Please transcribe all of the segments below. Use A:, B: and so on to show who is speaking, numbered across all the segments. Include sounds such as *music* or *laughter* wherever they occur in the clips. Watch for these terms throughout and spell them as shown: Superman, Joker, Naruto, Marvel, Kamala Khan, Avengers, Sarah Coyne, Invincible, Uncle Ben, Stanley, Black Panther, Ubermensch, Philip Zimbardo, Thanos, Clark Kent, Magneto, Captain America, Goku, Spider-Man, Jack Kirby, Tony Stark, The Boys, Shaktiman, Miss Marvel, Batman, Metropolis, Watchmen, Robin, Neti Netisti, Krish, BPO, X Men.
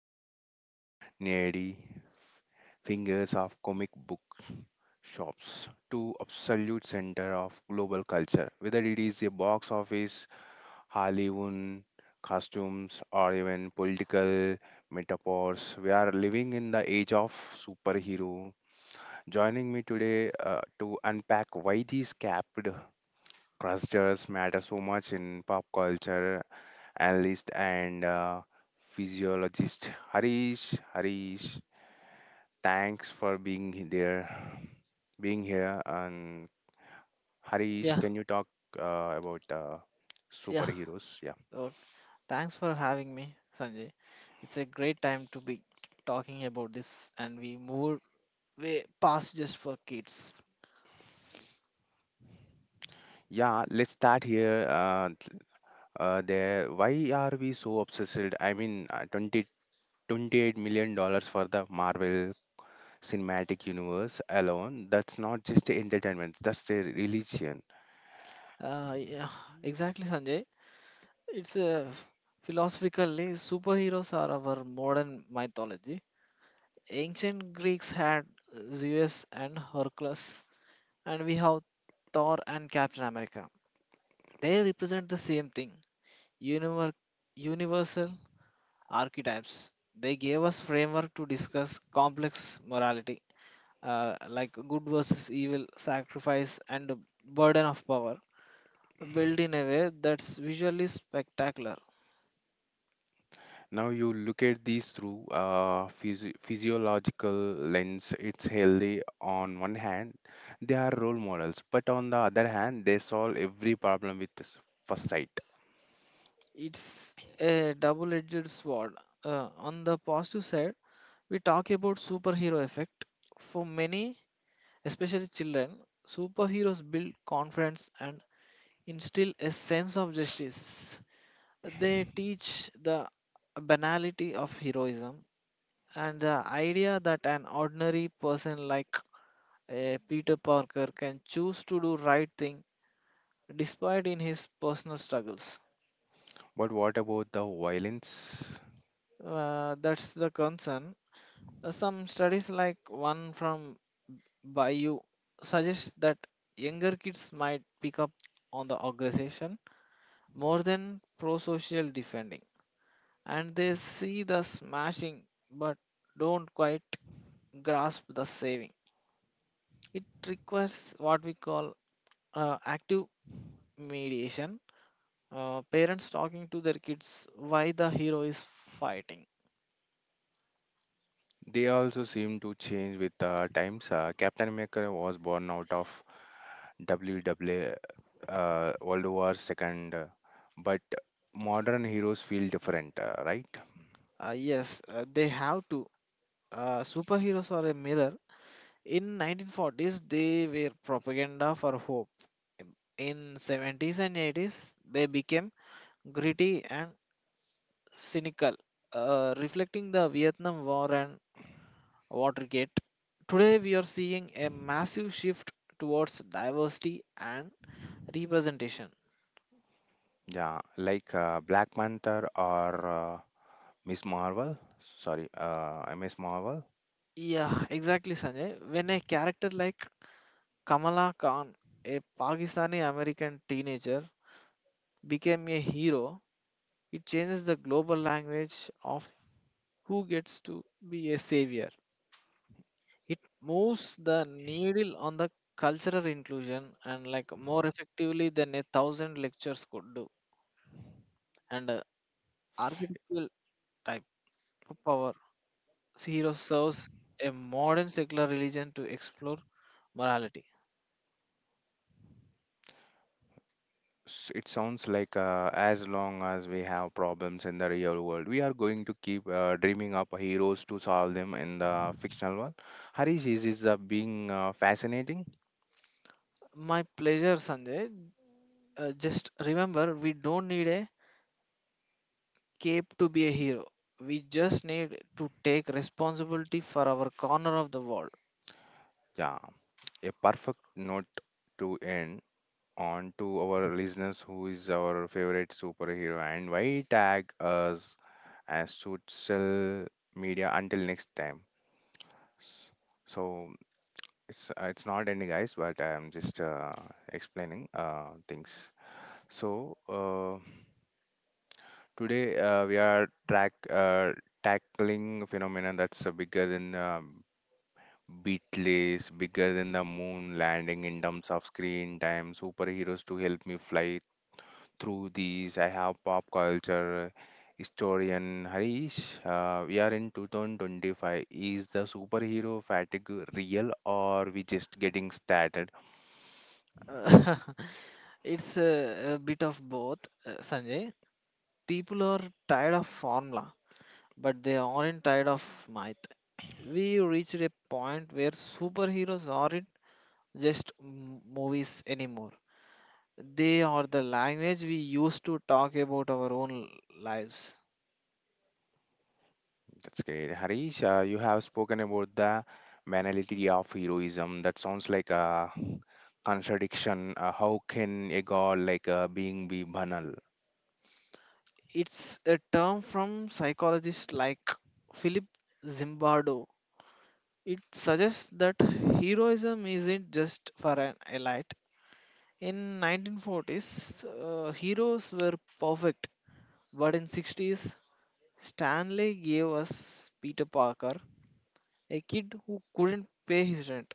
A: moved from the needy fingers of comic book shops to absolute center of global culture. Whether it is a box office, Hollywood costumes, or even political metaphors, we are living in the age of superhero. Joining me today to unpack why these capped clusters matter so much in pop culture analyst, and physiologist Harish. Harish, thanks for being here. And Harish,
B: Yeah,
A: can you talk about
B: yeah.
A: superheroes? Yeah,
B: Uh, Thanks for having me, Sanjay. It's a great time to be talking about this, and we moved way past just for kids.
A: yeah. Let's start here. Th- there. Why are we so obsessed? I mean, 20, 28 million dollars for the Marvel cinematic universe alone, that's not just entertainment, that's a religion.
B: Yeah, exactly, Sanjay. It's a philosophically superheroes are our modern mythology. Ancient Greeks had Zeus and Hercules, and we have Thor and Captain America. They represent the same thing: univer- universal archetypes. They gave us framework to discuss complex morality, like good versus evil, sacrifice, and the burden of power, built in a way that's visually spectacular.
A: Now you look at these through a physiological lens. It's healthy on one hand, they are role models, but on the other hand, they solve every problem with first sight.
B: It's a double-edged sword. On the positive side, we talk about superhero effect. For many, especially children, superheroes build confidence and instill a sense of justice. They teach the banality of heroism, and the idea that an ordinary person like a Peter Parker can choose to do right thing despite in his personal struggles.
A: But what about the violence?
B: That's the concern. Some studies like one from Bayou suggest that younger kids might pick up on the organization more than pro-social defending. And they see the smashing but don't quite grasp the saving. It requires what we call active mediation, parents talking to their kids why the hero is fighting.
A: They also seem to change with the times. Captain America was born out of WW uh, World War Second, but modern heroes feel different, right?
B: Yes, they have to superheroes are a mirror. In 1940s they were propaganda for hope. In 70s and 80s they became gritty and cynical, reflecting the Vietnam war and Watergate. Today we are seeing a massive shift towards diversity and representation.
A: Yeah, like Black Panther or Miss Marvel, sorry, Miss Marvel.
B: Yeah, exactly, Sanjay. When a character like Kamala Khan, a Pakistani American teenager, became a hero, it changes the global language of who gets to be a savior. It moves the needle on the cultural inclusion and like more effectively than a thousand lectures could do. And archetypal type of power, hero serves a modern secular religion to explore morality.
A: It sounds like as long as we have problems in the real world, we are going to keep dreaming up heroes to solve them in the fictional world. Harish, is this being fascinating?
B: My pleasure, Sanjay. Just remember, we don't need a cape to be a hero. We just need to take responsibility for our corner of the world.
A: Yeah, a perfect note to end on. To our listeners, who is our favorite superhero, and why? Tag us as social media until next time. S- So it's not ending, guys, but I am just explaining things. So today we are track tackling a phenomenon that's bigger than Beatles, bigger than the moon landing in terms of screen time. Superheroes to help me fly through these. I have pop culture historian Harish. We are in 2025. Is the superhero fatigue real, or we just getting started?
B: Uh, *laughs* it's a bit of both, Sanjay. People are tired of formula, but they aren't tired of math. We reached a point where superheroes aren't just movies anymore. They are the language we use to talk about our own lives.
A: That's great. Harish, you have spoken about the banality of heroism. That sounds like a contradiction. How can a god like being be banal?
B: It's a term from psychologists like Philip Zimbardo. It suggests that heroism isn't just for an elite. In 1940s, heroes were perfect, but in 60s, Stanley gave us Peter Parker, a kid who couldn't pay his rent.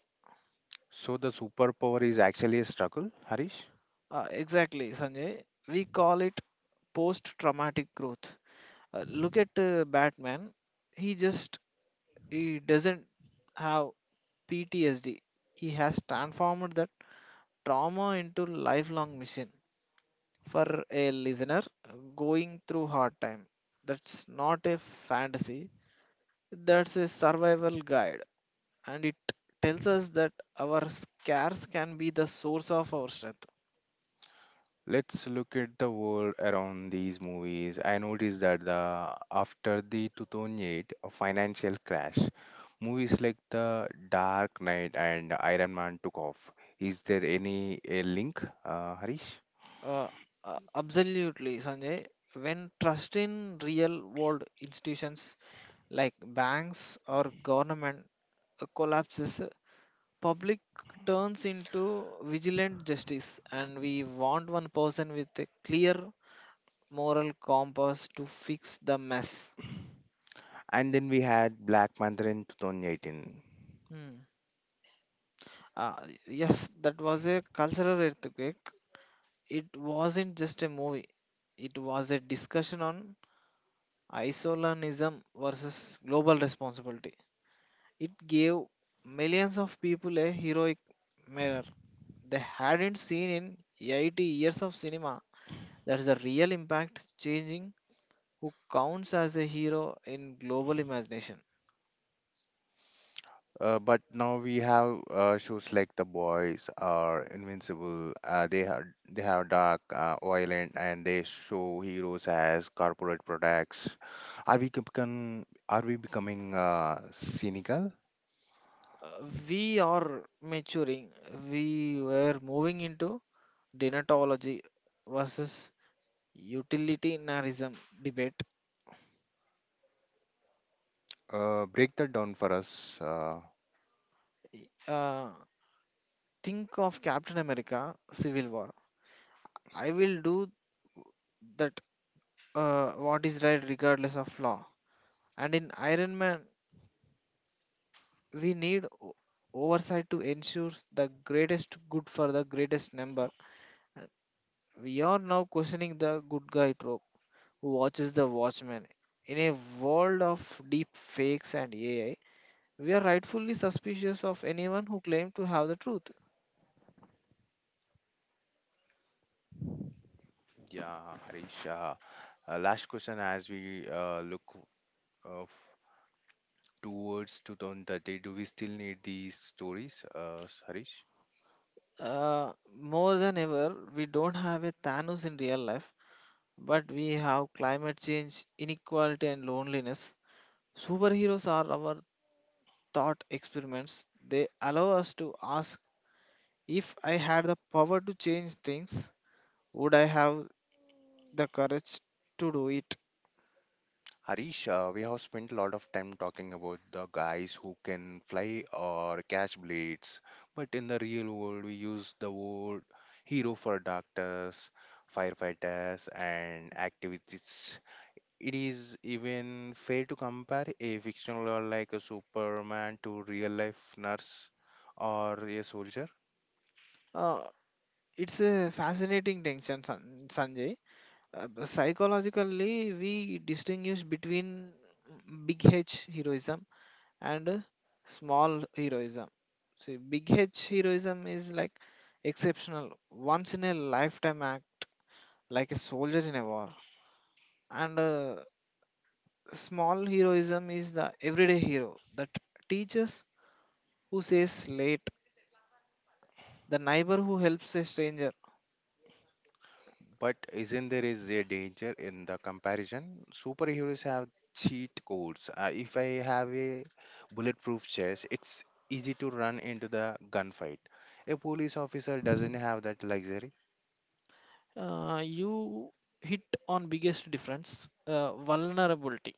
A: So the superpower is actually a struggle, Harish?
B: Exactly, Sanjay. We call it post-traumatic growth. Look at Batman. He just he doesn't have PTSD. He has transformed that trauma into lifelong mission. For a listener going through hard time, that's not a fantasy. That's a survival guide, and it tells us that our scares can be the source of our strength.
A: Let's look at the world around these movies. I noticed that the after the 2008 financial crash, movies like The Dark Knight and Iron Man took off. Is there any a link, Harish?
B: Uh, Absolutely, Sanjay. When trust in real world institutions like banks or government collapses, public turns into vigilant justice and we want one person with a clear moral compass to fix the mess.
A: And then we had Black Panther in 2018.
B: Hmm. uh, yes, that was a cultural earthquake. It wasn't just a movie, it was a discussion on isolationism versus global responsibility. It gave millions of people a heroic mirror they hadn't seen in 80 years of cinema. That's the real impact, changing who counts as a hero in global imagination.
A: But now we have shows like The Boys or Invincible. They have dark, violent, and they show heroes as corporate products. Are we becoming Are we becoming cynical?
B: Uh, we are maturing. We were moving into denatology versus utilitarianism debate.
A: Break that down for us.
B: Uh, think of Captain America: Civil War. I will do that. What is right, regardless of law. And in Iron Man, we need oversight to ensure the greatest good for the greatest number. We are now questioning the good guy trope, who watches The Watchmen. In a world of deep fakes and AI, we are rightfully suspicious of anyone who claims to have the truth.
A: Yeah, Harish. Last question as we look uh, f- towards 2030, do we still need these stories, Harish?
B: Uh, More than ever, we don't have a Thanos in real life, but we have climate change, inequality, and loneliness. Superheroes are our thought experiments. They allow us to ask, if I had the power to change things, would I have the courage to do it?
A: Harish, we have spent a lot of time talking about the guys who can fly or catch blades, but in the real world, we use the word hero for doctors, firefighters, and activists. It is even fair to compare a fictional or like a Superman to real life nurse or a soldier.
B: Uh, it's a fascinating tension, Sanjay. Psychologically we distinguish between big h heroism and small heroism. See, big h heroism is like exceptional, once in a lifetime act, like a soldier in a war. And small heroism is the everyday hero, that teachers who says late, the neighbor who helps a stranger.
A: But isn't there is a danger in the comparison? Superheroes have cheat codes. If I have a bulletproof chest, it's easy to run into the gunfight. A police officer doesn't have that luxury.
B: You hit on biggest difference, vulnerability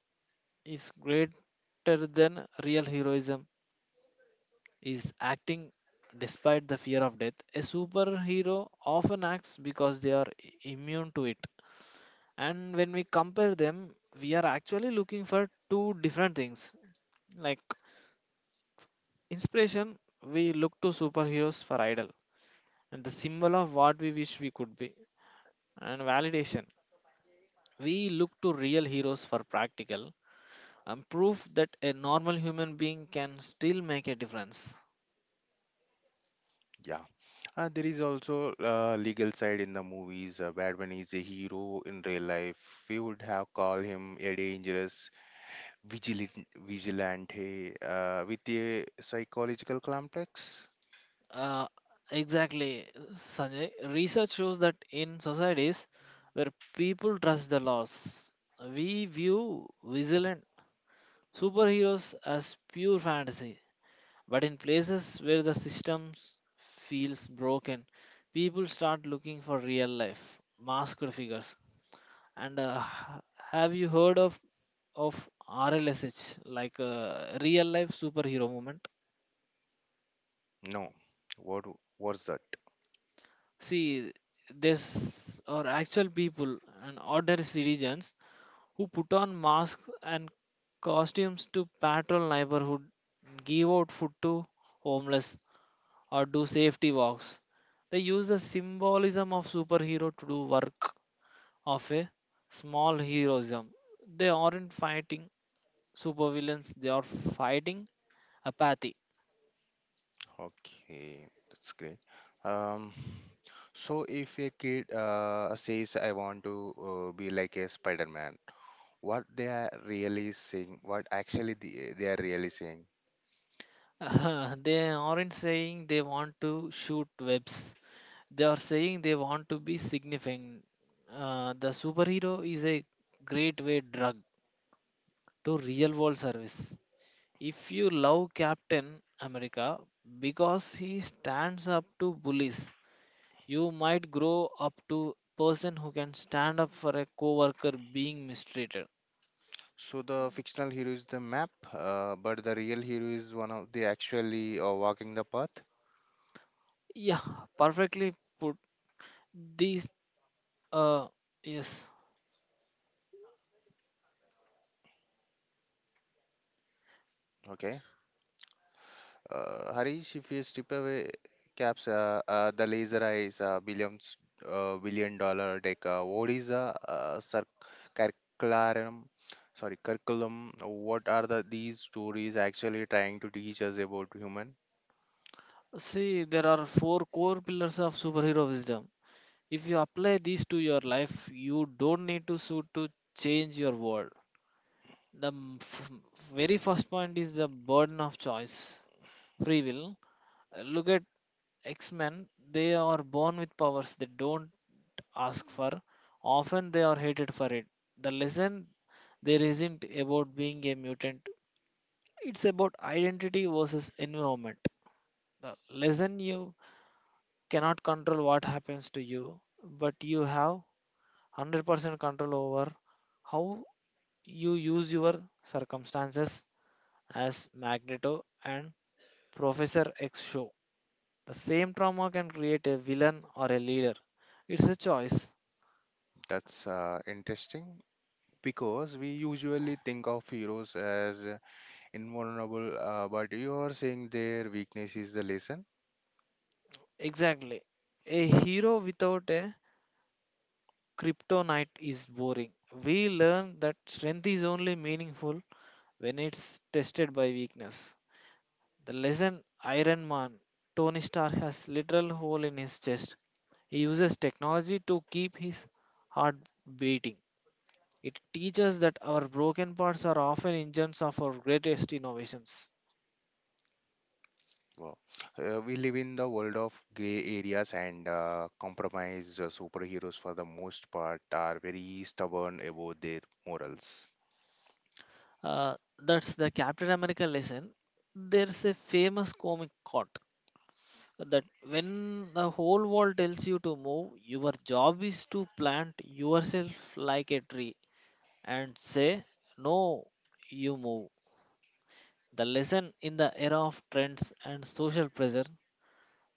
B: is greater than real heroism, is acting despite the fear of death. A superhero often acts because they are immune to it. And when we compare them, we are actually looking for two different things. Like inspiration, we look to superheroes for idol and the symbol of what we wish we could be. And validation, we look to real heroes for practical and proof that a normal human being can still make a difference.
A: Yeah. There is also legal side in the movies. Batman is a hero. In real life, we would have called him a dangerous vigilant, vigilante with a psychological complex.
B: Uh, exactly, Sanjay. Research shows that in societies where people trust the laws, we view vigilant superheroes as pure fantasy. But in places where the system feels broken, people start looking for real life, masked figures. And have you heard of RLSH, like real life superhero movement?
A: No. What? What's that?
B: See, there's are actual people and ordinary citizens who put on masks and costumes to patrol neighborhood, give out food to homeless, or do safety walks. They use the symbolism of superhero to do work of a small heroism. They aren't fighting supervillains; they are fighting apathy.
A: Okay, that's great. Um, so if a kid says, "I want to be like a Spider-Man," what they are really saying, what actually they are really saying.
B: *laughs* They aren't saying they want to shoot webs. They are saying they want to be significant. The superhero is a great way drug to real world service. If you love Captain America because he stands up to bullies, you might grow up to person who can stand up for a coworker being mistreated.
A: So the fictional hero is the map, but the real hero is one of the actually walking the path.
B: Yeah, perfectly put. These uh yes.
A: Okay. Harish, if you strip away caps, the laser eyes, billion dollar tech, what is the curriculum? Sorry, curriculum. What are the these stories actually trying to teach us about human?
B: See, there are four core pillars of superhero wisdom. If you apply these to your life you don't need to sue to change your world. The very first point is the burden of choice, free will. Look at x-men, they are born with powers they don't ask for, often they are hated for it. The lesson there isn't about being a mutant, it's about identity versus environment. The lesson, you cannot control what happens to you, but you have 100% control over how you use your circumstances. As Magneto and Professor X show, the same trauma can create a villain or a leader. It's a choice.
A: That's interesting because we usually think of heroes as invulnerable, but you are saying their weakness is the lesson.
B: Exactly. A hero without a kryptonite is boring. We learn that strength is only meaningful when it's tested by weakness. The lesson Iron Man, Tony Stark has literal hole in his chest. He uses technology to keep his heart beating. It teaches that our broken parts are often engines of our greatest innovations.
A: Wow. We live in the world of gray areas and compromise. Uh, superheroes for the most part are very stubborn about their morals.
B: That's the Captain America lesson. There's a famous comic quote that when the whole world tells you to move, your job is to plant yourself like a tree and say, "No, you move." The lesson, in the era of trends and social pressure,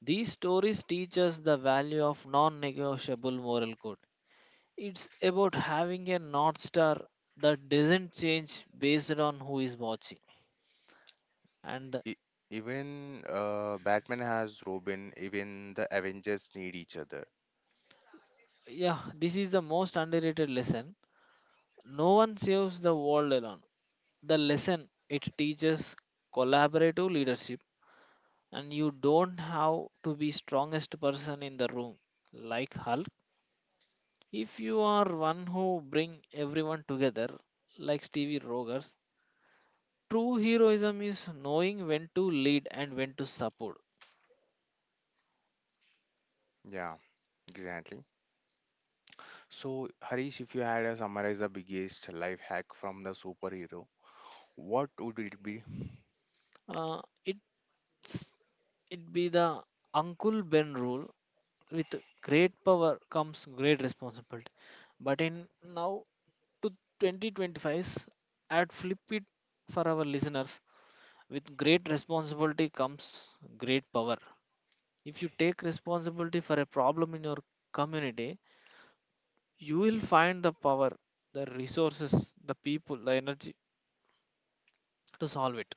B: these stories teach us the value of non negotiable moral code. It's about having a North Star that doesn't change based on who is watching. And
A: E- Even Batman has Robin, even the Avengers need each other.
B: yeah, this is the most underrated lesson. No one saves the world alone. The lesson it teaches, collaborative leadership, and you don't have to be strongest person in the room like Hulk. If you are one who bring everyone together, like Stevie Rogers, true heroism is knowing when to lead and when to support.
A: Yeah, exactly. So, Harish, if you had to summarize the biggest life hack from the superhero, what would it be?
B: Uh, it's it be the Uncle Ben rule. With great power comes great responsibility. But in now to 2025's, at flip it for our listeners. With great responsibility comes great power. If you take responsibility for a problem in your community you will find the power, the resources, the people, the energy to solve it.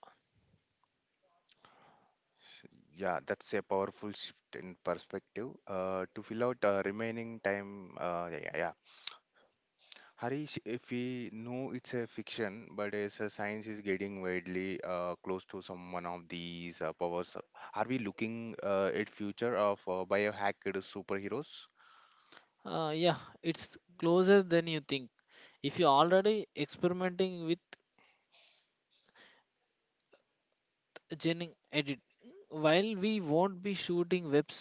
A: Yeah, that's a powerful shift in perspective. To fill out remaining time, yeah, yeah, yeah. Harish, if we know it's a fiction, but as a science is getting widely close to some one of these powers, are we looking at future of biohacked superheroes?
B: Yeah, it's closer than you think. If you're already experimenting with gene edit, while we won't be shooting webs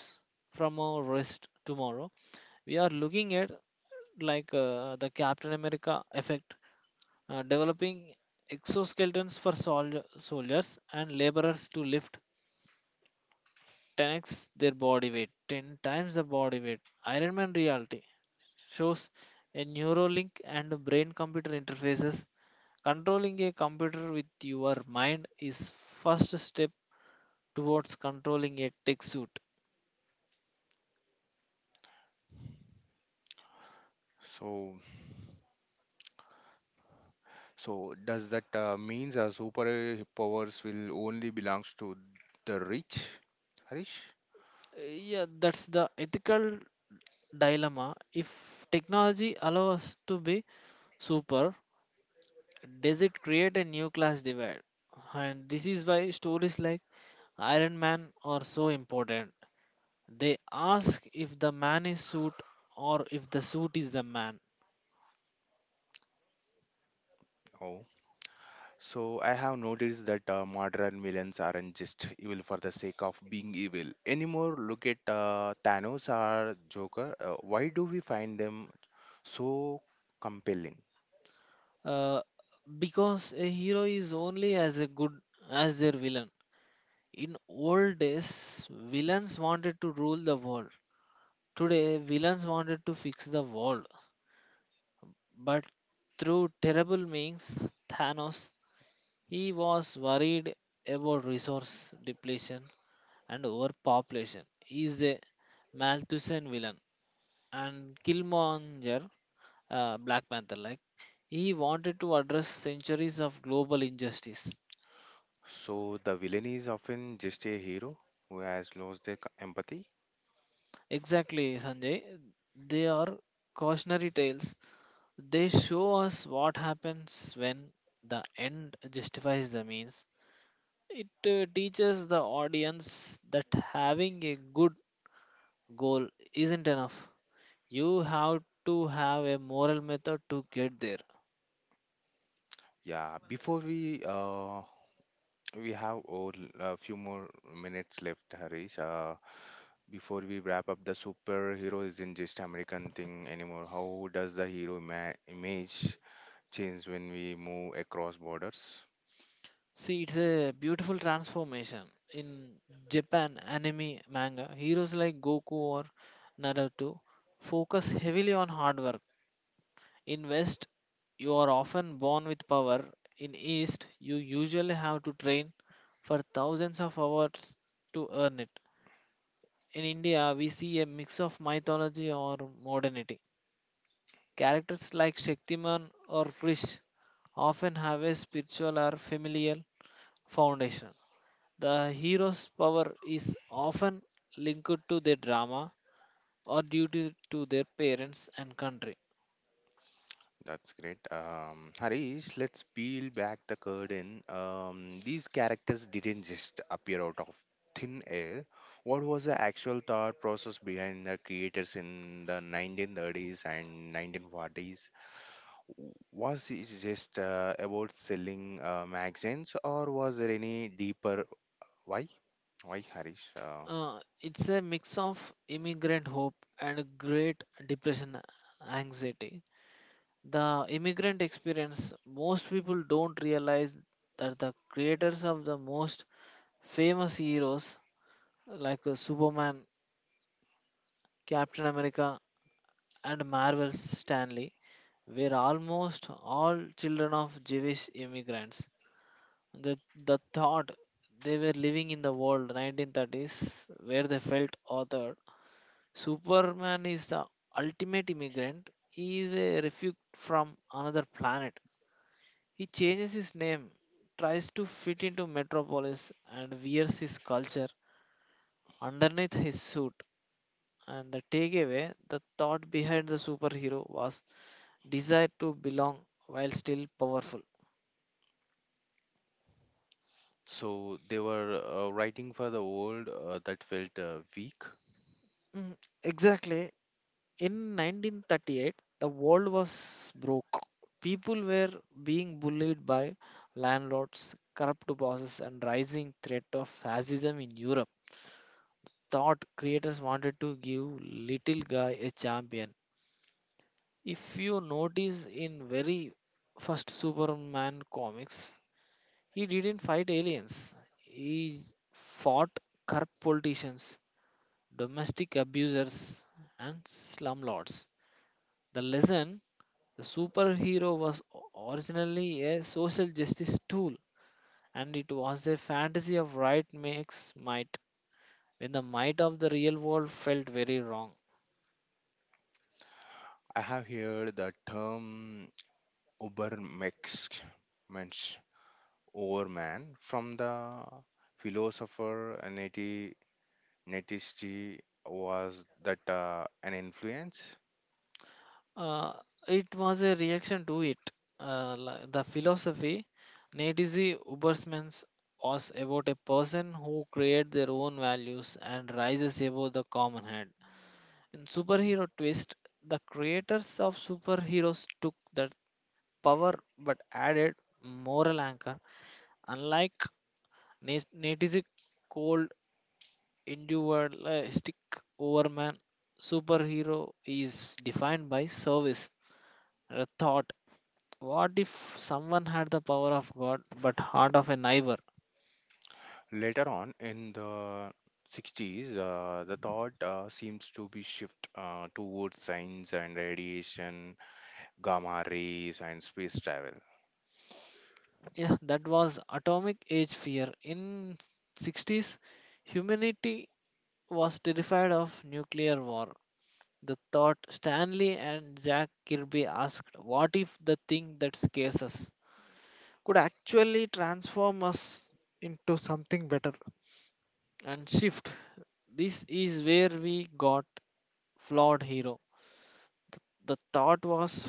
B: from our wrist tomorrow, we are looking at like the Captain America effect, developing exoskeletons for soldiers and laborers to lift 10x their body weight, 10 times the body weight. Iron Man reality shows a neuralink and brain computer interfaces. Controlling a computer with your mind is first step towards controlling a tech suit.
A: So, so does that means super powers will only belongs to the rich, Harish?
B: Yeah, that's the ethical dilemma. If technology allows us to be super, does it create a new class divide? And this is why stories like Iron Man are so important. They ask if the man is suit or if the suit is the man.
A: Oh, so I have noticed that modern villains aren't just evil for the sake of being evil anymore. Look at Thanos or Joker. Why do we find them so compelling.
B: uh, because a hero is only as a good as their villain. In old days, villains wanted to rule the world. Today, villains wanted to fix the world. But through terrible means, Thanos, he was worried about resource depletion and overpopulation. He is a Malthusian villain. And Killmonger, Black Panther like, he wanted to address centuries of global injustice.
A: So the villain is often just a hero who has lost their empathy.
B: Exactly, Sanjay. They are cautionary tales. They show us what happens when the end justifies the means. It teaches the audience that having a good goal isn't enough. You have to have a moral method to get there.
A: Yeah, before we We have all, a few more minutes left, Harish. Before we wrap up, the superhero isn't just American thing anymore. How does the image change when we move across borders?
B: See, it's a beautiful transformation. In Japan anime manga, heroes like Goku or Naruto focus heavily on hard work. In West, you are often born with power. In East, you usually have to train for 1000s of hours to earn it. In India, we see a mix of mythology or modernity. Characters like Shaktiman or Krish often have a spiritual or familial foundation. The hero's power is often linked to their drama or duty to their parents and country.
A: That's great. Harish, let's peel back the curtain. These characters didn't just appear out of thin air. What was the actual thought process behind the creators in the 1930s and 1940s? Was it just about selling magazines, or was there any deeper why? Why, Harish?
B: It's a mix of immigrant hope and Great Depression anxiety. The immigrant experience, most people don't realize that the creators of the most famous heroes like Superman, Captain America, and Marvel's Stanley were almost all children of Jewish immigrants. The thought, they were living in the world 1930s where they felt authored. Superman is the ultimate immigrant. He is a refugee from another planet. He changes his name, tries to fit into Metropolis, and wears his culture underneath his suit. And the takeaway, the thought behind the superhero was desire to belong while still powerful.
A: So they were writing for the world that felt weak.
B: Mm, exactly. In 1938, the world was broke. People were being bullied by landlords, corrupt bosses, and rising threat of fascism in Europe. Thought creators wanted to give little guy a champion. If you notice in very first Superman comics, he didn't fight aliens. He fought corrupt politicians, domestic abusers, and slumlords. The lesson: the superhero was originally a social justice tool, and it was a fantasy of right makes might, when the might of the real world felt very wrong.
A: I have heard the term Ubermensch, Overman, from the philosopher Netisti, was that an influence?
B: Uh, it was a reaction to it. The philosophy, Netizy Ubersman's, was about a person who creates their own values and rises above the common head. In superhero twist, the creators of superheroes took that power but added moral anchor. Unlike Natizzi, cold, individualistic overman, superhero is defined by service. The thought, what if someone had the power of God but heart of a neighbor?
A: Later on in the 60s, the thought seems to be shift towards science and radiation, gamma rays, and space travel.
B: Yeah, that was atomic age fear. In '60s, humanity was terrified of nuclear war. The thought Stanley and Jack Kirby asked, what if the thing that scares us could actually transform us into something better and shift. This is where we got flawed hero. The thought was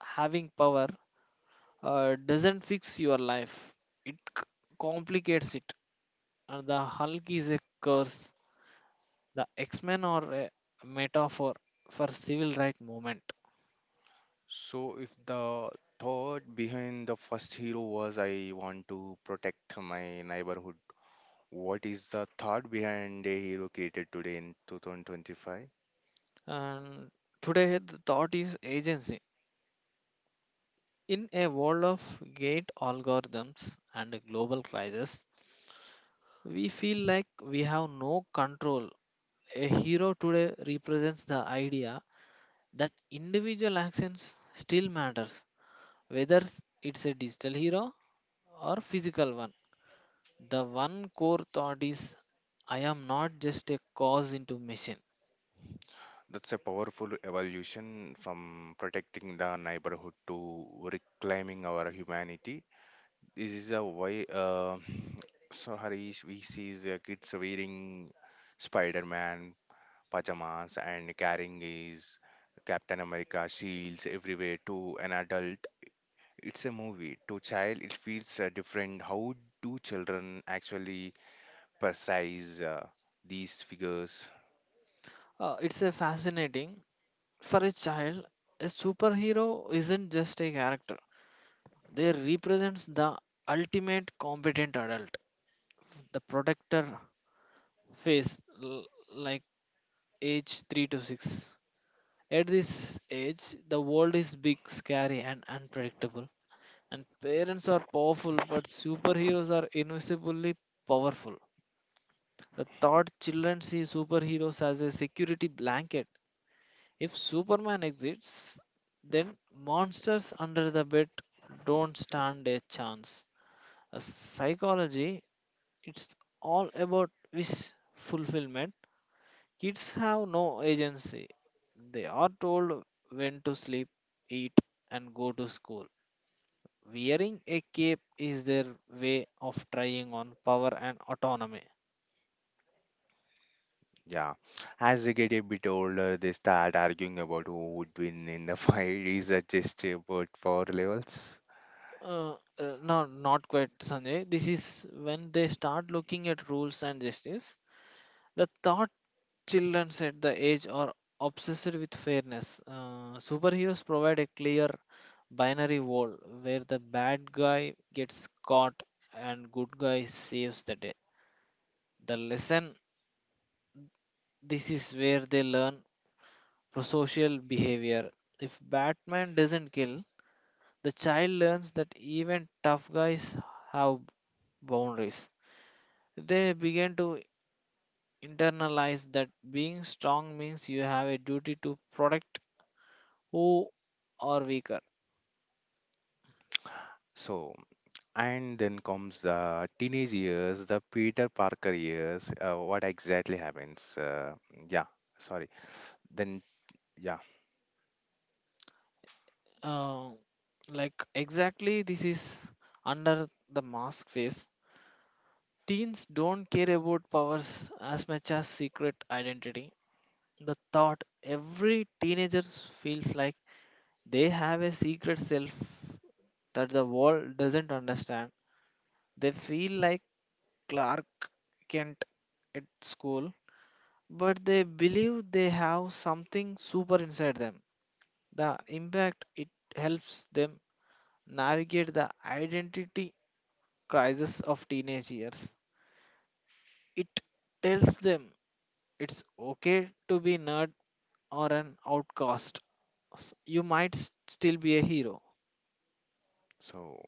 B: having power doesn't fix your life, it c- complicates it. And the Hulk is a curse, the X Men are a metaphor for civil rights movement.
A: So, if the thought behind the first hero was I want to protect my neighborhood, what is the thought behind a hero created today in 2025?
B: And today, the thought is agency. In a world of gate algorithms and global crisis, we feel like we have no control. A hero today represents the idea that individual actions still matters, whether it's a digital hero or physical one. The one core thought is I am not just a cause into machine.
A: That's a powerful evolution from protecting the neighborhood to reclaiming our humanity. This is a why, *sniffs* so Harish, we see the kids wearing Spider Man pajamas and carrying his Captain America shields everywhere. To an adult, it's a movie. To child, it feels different. How do children actually precise these figures.
B: It's a fascinating for a child. A superhero isn't just a character; they represents the ultimate competent adult, the protector face, l- like age 3 to 6. At this age, the world is big, scary, and unpredictable. And parents are powerful, but superheroes are invisibly powerful. The thought children see superheroes as a security blanket. If Superman exists, then monsters under the bed don't stand a chance. A psychology, it's all about wish fulfillment. Kids have no agency. They are told when to sleep, eat, and go to school. Wearing a cape is their way of trying on power and autonomy.
A: Yeah, as they get a bit older, they start arguing about who would win in the *laughs* fight. Is that just about power levels?
B: Uh, no, not quite, Sanjay. This is when they start looking at rules and justice. The thought children at the age are obsessed with fairness. Superheroes provide a clear binary world where the bad guy gets caught and good guy saves the day. The lesson: this is where they learn prosocial behavior. If Batman doesn't kill, the child learns that even tough guys have boundaries. They begin to internalize that being strong means you have a duty to protect who are weaker.
A: So, and then comes the teenage years, the Peter Parker years. What exactly happens? Yeah, sorry. Then, yeah.
B: Uh, like exactly this is under the mask phase. Teens don't care about powers as much as secret identity. The thought every teenager feels like they have a secret self that the world doesn't understand. They feel like Clark Kent at school, but they believe they have something super inside them. The impact, it helps them navigate the identity crisis of teenage years. It tells them it's okay to be nerd or an outcast, you might still be a hero.
A: So,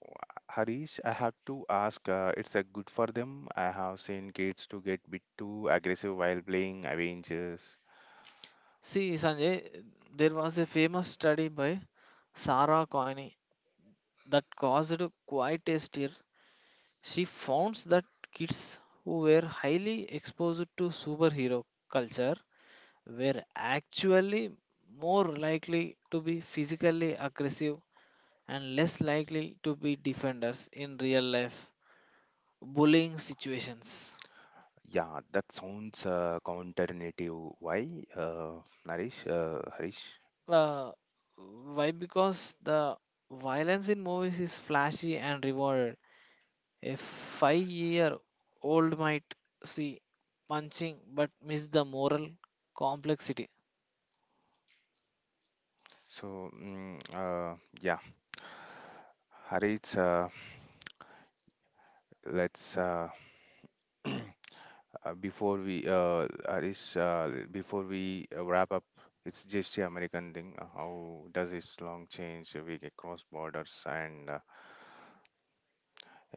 A: Harish, I have to ask, it's a good for them. I have seen kids to get bit too aggressive while playing Avengers.
B: See, Sanjay, there was a famous study by Sarah Coyne that caused quite a stir. She found that kids who were highly exposed to superhero culture were actually more likely to be physically aggressive and less likely to be defenders in real life bullying situations.
A: Yeah, that sounds counterintuitive. Why, uh, Harish?
B: Uh, why? Because the violence in movies is flashy and rewarded. A 5-year-old might see punching but miss the moral complexity.
A: So, yeah, Harish, let's *clears throat* uh, before we wrap up, it's just the American thing. Uh, how does this long change we get cross borders and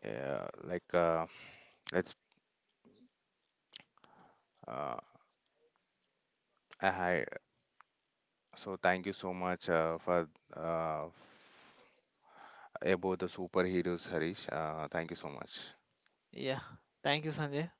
A: like let's uh, hi. So thank you so much for uh, about the superheroes, Harish. Thank you so much.
B: Yeah. Thank you, Sanjay.